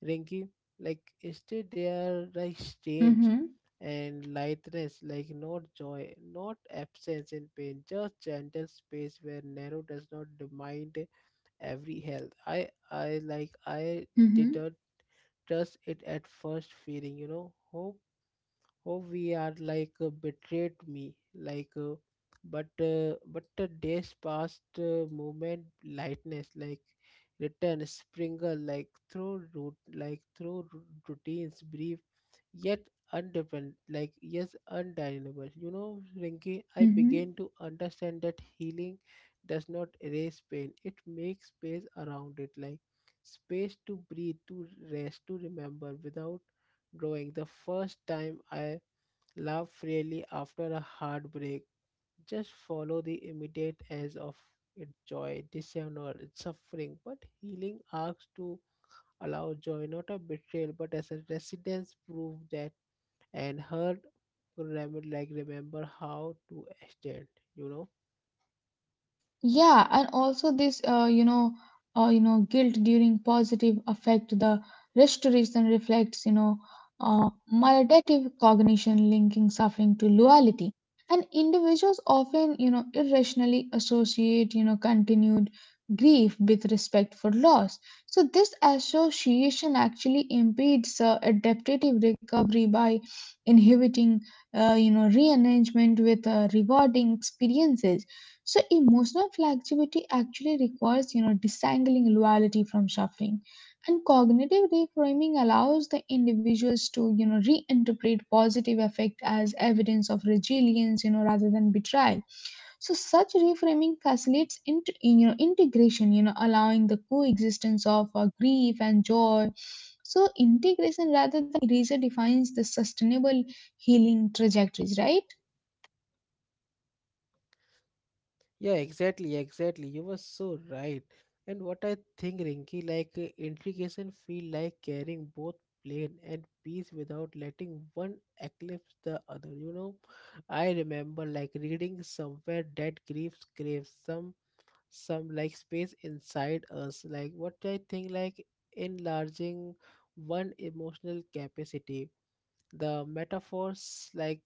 Speaker 1: Rinky, like instead they are like strange
Speaker 2: Hmm.
Speaker 1: and lightness, like not joy, not absence in pain, just gentle space where narrow does not demand every health. I did
Speaker 2: Mm-hmm.
Speaker 1: not trust it at first feeling, you know. Hope, oh, we are betrayed me but the days past, movement lightness like return sprinkle like through root like through ru- routines, brief yet undependent, like yes, undeniable, you know, Rinky. I began
Speaker 2: Mm-hmm.
Speaker 1: to understand that healing does not erase pain, it makes space around it, like space to breathe, to rest, to remember without drawing. The first time I laugh freely after a heartbreak, just follow the immediate edge of its joy, dishonor, its suffering. But healing asks to allow joy, not a betrayal, but as a residence proof that and hurt remember, remember how to stand, you know.
Speaker 2: Yeah, and also this, you know, guilt during positive affect the restoration reflects, you know, uh, maladaptive cognition linking suffering to loyalty. And individuals often, you know, irrationally associate, you know, continued grief with respect for loss. So, this association actually impedes adaptive recovery by inhibiting, you know, rearrangement with rewarding experiences. So, emotional flexibility actually requires, you know, disangling loyalty from suffering, and cognitive reframing allows the individuals to, you know, reinterpret positive effect as evidence of resilience, you know, rather than betrayal. So such reframing facilitates you know, integration, you know, allowing the coexistence of grief and joy. So integration rather than erasure defines the sustainable healing trajectories, right?
Speaker 1: Yeah, exactly, exactly. You were so right. And what I think, Rinky, like integration feel like carrying both plane and peace without letting one eclipse the other. You know, I remember like reading somewhere that griefs craves some like space inside us. Like what I think, like enlarging one emotional capacity, the metaphors like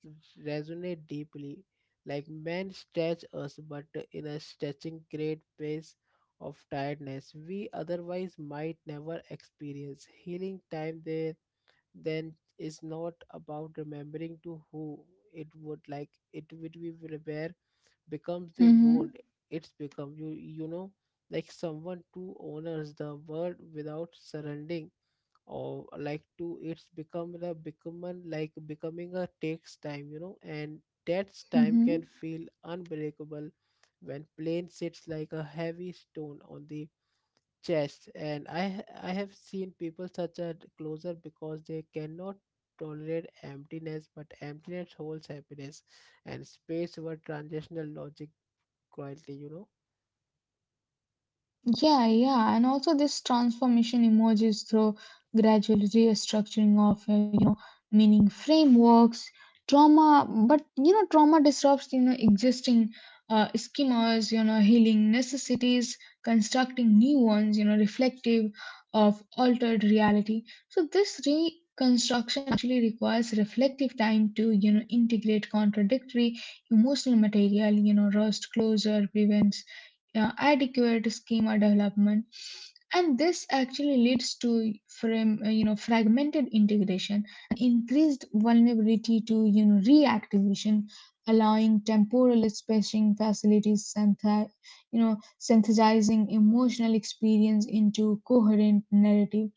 Speaker 1: resonate deeply, like men stretch us, but in a stretching great pace of tiredness we otherwise might never experience. Healing time there then is not about remembering to who it would, like it would be, where becomes the
Speaker 2: Mm-hmm,
Speaker 1: wound. It's become you, you know, like someone who honors the world without surrendering or like to. It's become the becoming, like becoming a takes time, you know, and that time
Speaker 2: mm-hmm.
Speaker 1: can feel unbreakable when plane sits like a heavy stone on the chest. And I have seen people such a closer because they cannot tolerate emptiness, but emptiness holds happiness and space were transitional logic quietly, you know.
Speaker 2: Yeah, yeah. And also this transformation emerges through gradual restructuring of meaning frameworks trauma. But you know, trauma disrupts, you know, existing schemas, you know. Healing necessities constructing new ones, you know, reflective of altered reality. So this reconstruction actually requires reflective time to, you know, integrate contradictory emotional material, you know. Rust closure prevents adequate schema development, and this actually leads to you know, fragmented integration, increased vulnerability to, you know, reactivation. Allowing temporal spacing facilities you know, synthesizing emotional experience into coherent narrative.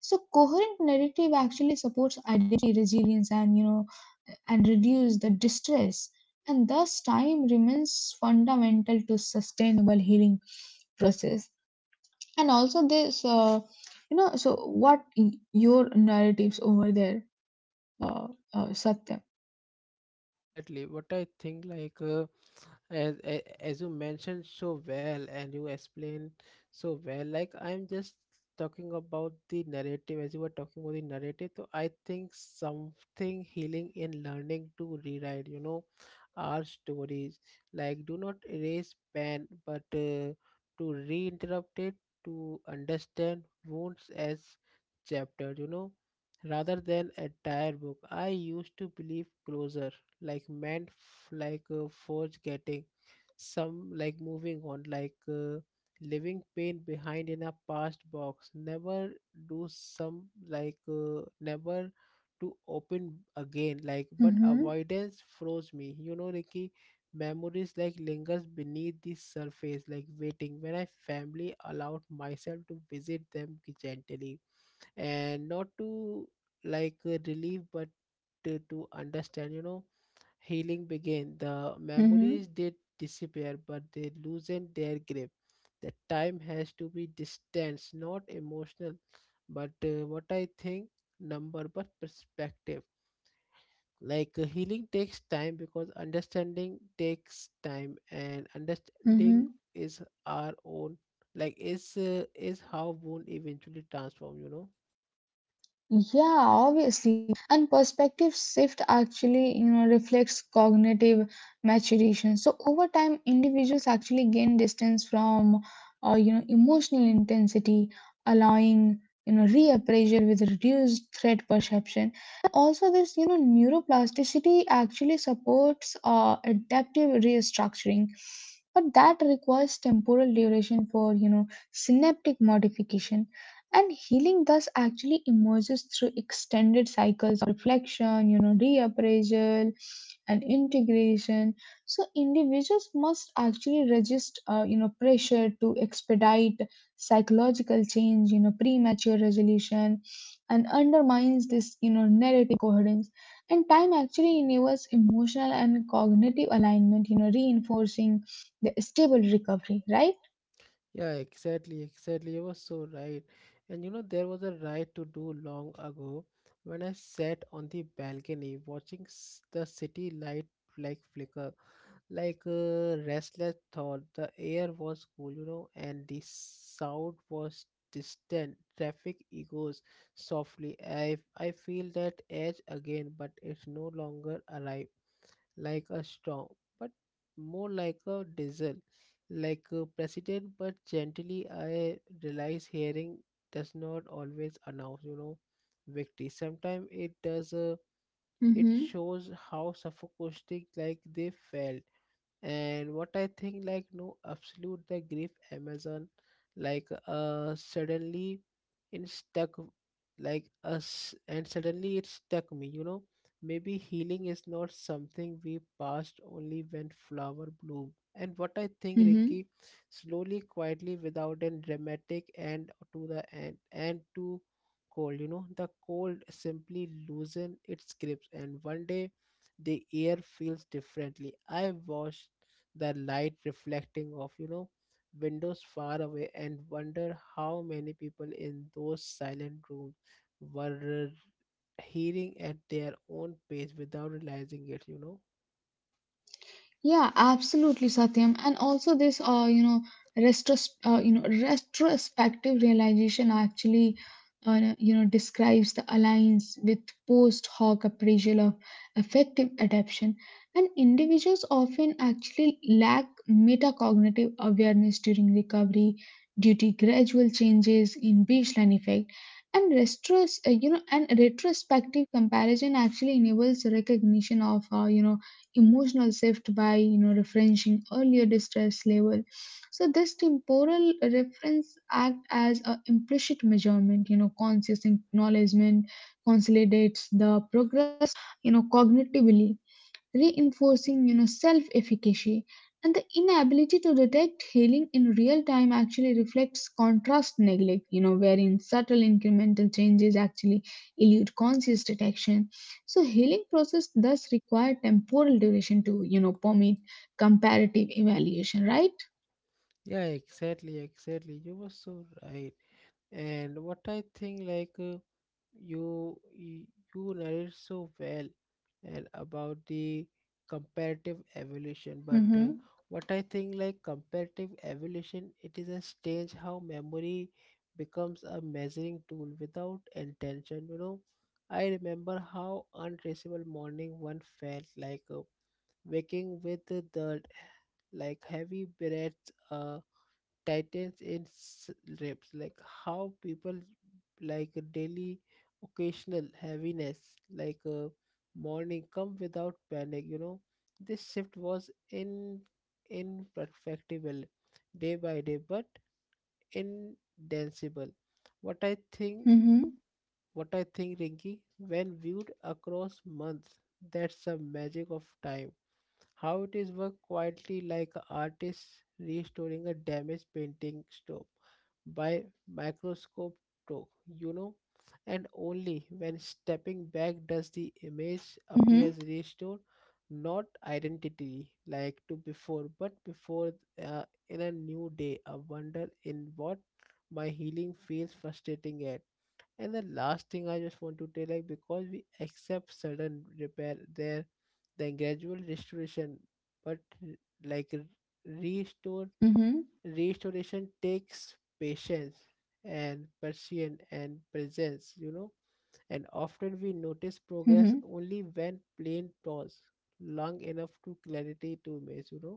Speaker 2: So coherent narrative actually supports identity resilience and, you know, and reduce the distress. And thus time remains fundamental to sustainable healing process. And also this you know, so your narratives over there, uh, Satyam.
Speaker 1: Exactly, what I think, like as you mentioned so well and you explain so well, like I'm just talking about the narrative as you were talking about the narrative. So I think something healing in learning to rewrite, you know, our stories. Like do not erase pain, but to reinterrupt it, to understand wounds as chapter, you know, rather than entire book. I used to believe closure like meant forge getting, some like moving on, leaving pain behind in a past box, never do some like never to open again, like but
Speaker 2: Mm-hmm,
Speaker 1: avoidance froze me, you know, Ricky. Memories like lingers beneath the surface like waiting when I family allowed myself to visit them gently and not to relieve but to understand, you know, healing began. The memories
Speaker 2: mm-hmm,
Speaker 1: did disappear, but they loosened their grip. The time has to be distance, not emotional, but what I think, number, but perspective. Like healing takes time because understanding takes time, and understanding
Speaker 2: mm-hmm.
Speaker 1: is our own, like is how wound eventually transform. You know.
Speaker 2: Yeah, obviously. And perspective shift actually, you know, reflects cognitive maturation. So over time, individuals actually gain distance from, you know, emotional intensity, allowing, you know, reappraisal with reduced threat perception. Also this, you know, neuroplasticity actually supports adaptive restructuring, but that requires temporal duration for, you know, synaptic modification. And healing thus actually emerges through extended cycles of reflection, you know, reappraisal, and integration. So individuals must actually resist, you know, pressure to expedite psychological change, you know. Premature resolution and undermines this, you know, narrative coherence, and time actually enables emotional and cognitive alignment, you know, reinforcing the stable recovery, right?
Speaker 1: Yeah, exactly, exactly. You were so right. And you know, there was a ride to do long ago when I sat on the balcony watching the city light like flicker, like a restless thought. The air was cool, you know, and the sound was distant. Traffic echoes softly. I feel that edge again, but it's no longer alive like a storm, but more like a diesel, like a president. But gently, I realize hearing does not always announce, you know, victory. Sometimes it does. It
Speaker 2: Mm-hmm.
Speaker 1: shows how suffocating like they felt. And what I think, like no absolute the grief amazon, suddenly it stuck like us, and suddenly it stuck me, you know. Maybe healing is not something we passed only when flower bloom, and what I think,
Speaker 2: Mm-hmm.
Speaker 1: Rinky, slowly quietly without a dramatic end to the end and to cold, you know, the cold simply loosen its grips, and one day the air feels differently. I watched the light reflecting off, you know, windows far away, and wonder how many people in those silent rooms were hearing at their own pace without realizing it, you know.
Speaker 2: Yeah, absolutely, Satyam. And also this, retros- you know, retrospective realization actually, you know, describes the alliance with post hoc appraisal of effective adaptation. And individuals often actually lack metacognitive awareness during recovery due to gradual changes in baseline effect. And retrospective comparison actually enables recognition of, you know, emotional shift by, you know, referencing earlier distress level. So this temporal reference act as a implicit measurement, you know. Conscious acknowledgement consolidates the progress, you know, cognitively reinforcing, you know, self efficacy. And the inability to detect healing in real time actually reflects contrast neglect, you know, wherein subtle incremental changes actually elude conscious detection. So healing process thus require temporal duration to, you know, permit comparative evaluation, right?
Speaker 1: Yeah, exactly, exactly, you were so right. And what I think, like you y- you narrate so well and about the comparative evolution, but what I think, like comparative evolution, it is a stage how memory becomes a measuring tool without intention, you know. I remember how untraceable morning one felt like, waking with the like heavy breaths, tightens in reps, like how people like a daily occasional heaviness, like a morning come without panic, you know. This shift was in imperfectible day by day, but indanceable. what i think
Speaker 2: Mm-hmm,
Speaker 1: what i think Rinky, when viewed across months, that's the magic of time, how it is work quietly like a artist restoring a damaged painting stop by microscope talk, you know, and only when stepping back does the image
Speaker 2: mm-hmm,
Speaker 1: appears restored, not identity like to before, but before, uh, in a new day, a wonder in what my healing feels frustrating at. And the last thing I just want to tell, like because we accept sudden repair there the gradual restoration, but r- like r- restore
Speaker 2: mm-hmm,
Speaker 1: restoration takes patience and patience and presence, you know, and often we
Speaker 2: mm-hmm.
Speaker 1: notice progress only when plain pause long enough to clarity to image, you know.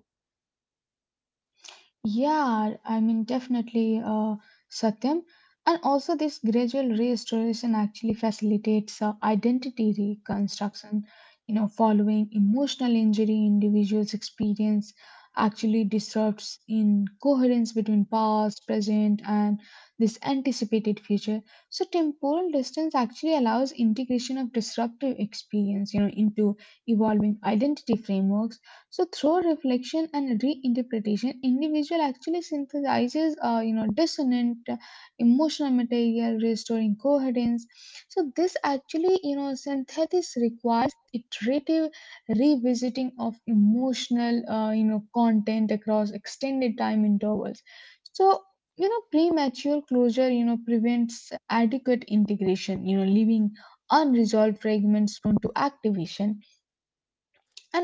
Speaker 2: Yeah, I mean, definitely, Satyam. And also, this gradual restoration actually facilitates identity reconstruction. You know, following emotional injury, individuals experience actually disrupts in coherence between past, present, and this anticipated future. So, temporal distance actually allows integration of disruptive experience, you know, into evolving identity frameworks. So through reflection and reinterpretation, individual actually synthesizes, you know, dissonant emotional material, restoring coherence. So this actually, you know, synthesis requires iterative revisiting of emotional, you know, content across extended time intervals. So, you know, premature closure, you know, prevents adequate integration, you know, leaving unresolved fragments prone to activation.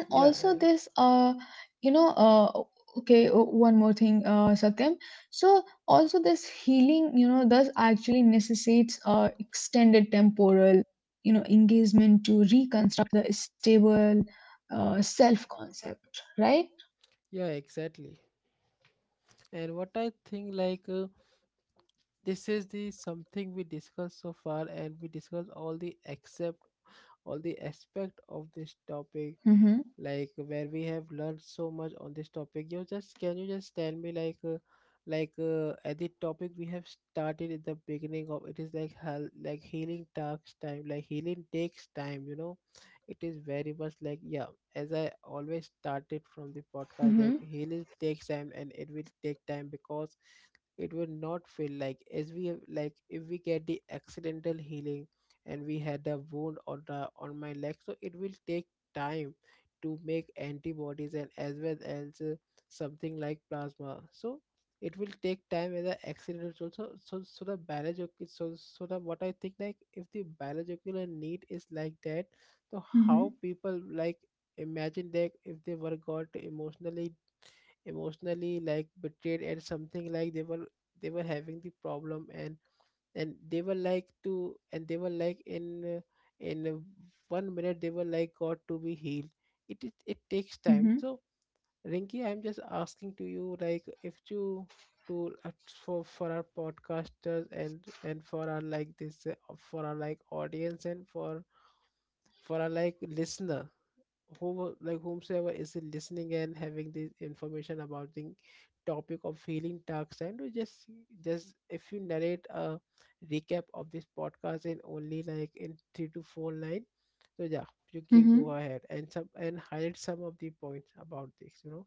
Speaker 2: And
Speaker 1: yeah uh,
Speaker 2: also this you know uh okay one more thing, uh, Satyam. So also this healing, you know, does actually necessitates, uh, extended temporal, you know, engagement to reconstruct the stable, uh, self concept, right?
Speaker 1: yeah, exactly. And what I think, like, this is the something we discussed so far, and we discussed all the except all the aspect of this topic,
Speaker 2: Mm-hmm,
Speaker 1: like where we have learned so much on this topic. You just can you just tell me, like at the topic we have started at the beginning of it is like hell like healing takes time, like healing takes time, you know. It is very much like yeah, as I always started from the podcast,
Speaker 2: mm-hmm,
Speaker 1: like healing takes time, and it will take time because it will not feel like as we have like if we get the accidental healing, and we had a wound on the on my leg, so it will take time to make antibodies, and as well as something like plasma. So it will take time as an accident also. So the biological, so the what I think, like if the biological need is like that, so
Speaker 2: mm-hmm,
Speaker 1: how people like imagine that if they were got emotionally emotionally like betrayed, and something like they were, they were having the problem, and they were like to, and they were like in in uh, one minute they were like got to be healed. It takes
Speaker 2: mm-hmm,
Speaker 1: time. So Rinki, I'm just asking to you, like if you to for our podcasters and for our like this for our like audience, and for our like listener, who like whomsoever is listening and having this information about the topic of healing dark side, to just if you narrate a recap of this podcast in only like in three to four line. So yeah, you can go
Speaker 2: mm-hmm.
Speaker 1: ahead and some and highlight some of the points about this, you know.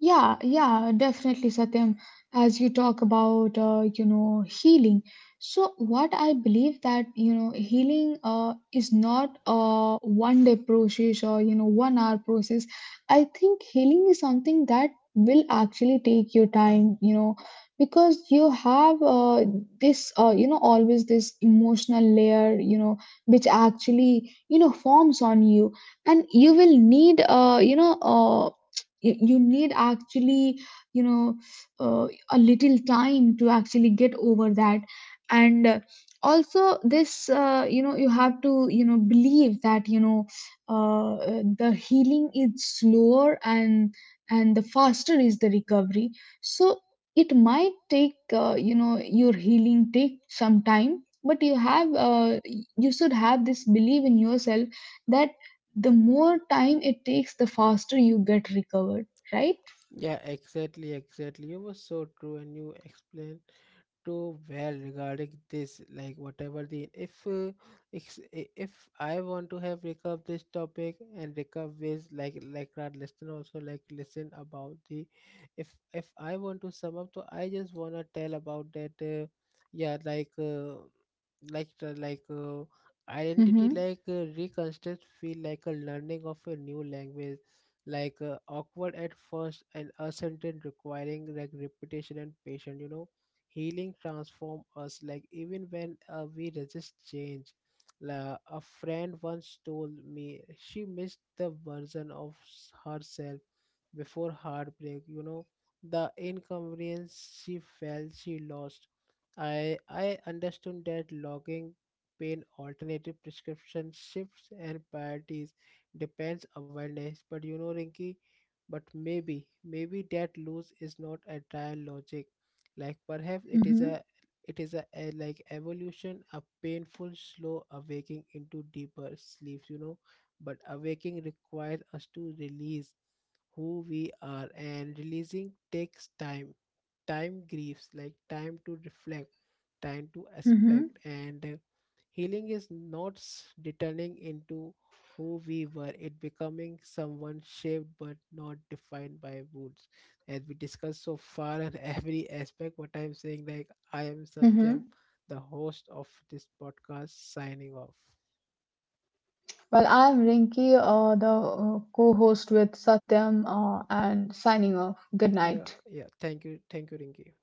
Speaker 2: Yeah, yeah, definitely, Satyam. As you talk about, you know, healing. So, what I believe that, you know, healing is not a one day process or, you know, one hour process. I think healing is something that will actually take your time, you know, because you have this, you know, always this emotional layer, you know, which actually, you know, forms on you. And you will need, you, you need actually, you know, a little time to actually get over that. And also this, you know, you have to, you know, believe that, you know, the healing is slower, and the faster is the recovery. So it might take, you know, your healing take some time, but you have, you should have this belief in yourself that the more time it takes, the faster you get recovered, right?
Speaker 1: Yeah, exactly, exactly, you were so true, and you explained too well regarding this, like whatever the if if I want to have recap this topic and recap with like our listener also like listen about the, if I want to sum up, so I just want to tell about that yeah, like like the- like uh, identity
Speaker 2: Mm-hmm.
Speaker 1: like reconstruct feel like a learning of a new language, like awkward at first and uncertain, requiring like repetition and patience, you know. Healing transforms us, like even when we resist change. La, a friend once told me she missed the version of herself before heartbreak. You know, the inconvenience she felt she lost. I understood that logging pain alternative prescription shifts and priorities depends awareness. But you know, Rinky, but maybe, maybe that lose is not a trial logic, like perhaps it is
Speaker 2: Mm-hmm.
Speaker 1: a, it is a like evolution, a painful slow awaking into deeper sleep, you know. But awaking requires us to release who we are, and releasing takes time. Time grieves, like time to reflect, time to
Speaker 2: Mm-hmm.
Speaker 1: aspect, and healing is not returning into who we were, it becoming someone shaped but not defined by wounds. As we discussed so far and every aspect, what I'm saying, like, I am Satyam,
Speaker 2: Mm-hmm.
Speaker 1: the host of this podcast, signing off.
Speaker 2: Well, I'm Rinki, the co-host with Satyam, and signing off. Good
Speaker 1: Yeah,
Speaker 2: night.
Speaker 1: yeah. Thank you. Thank you, Rinki.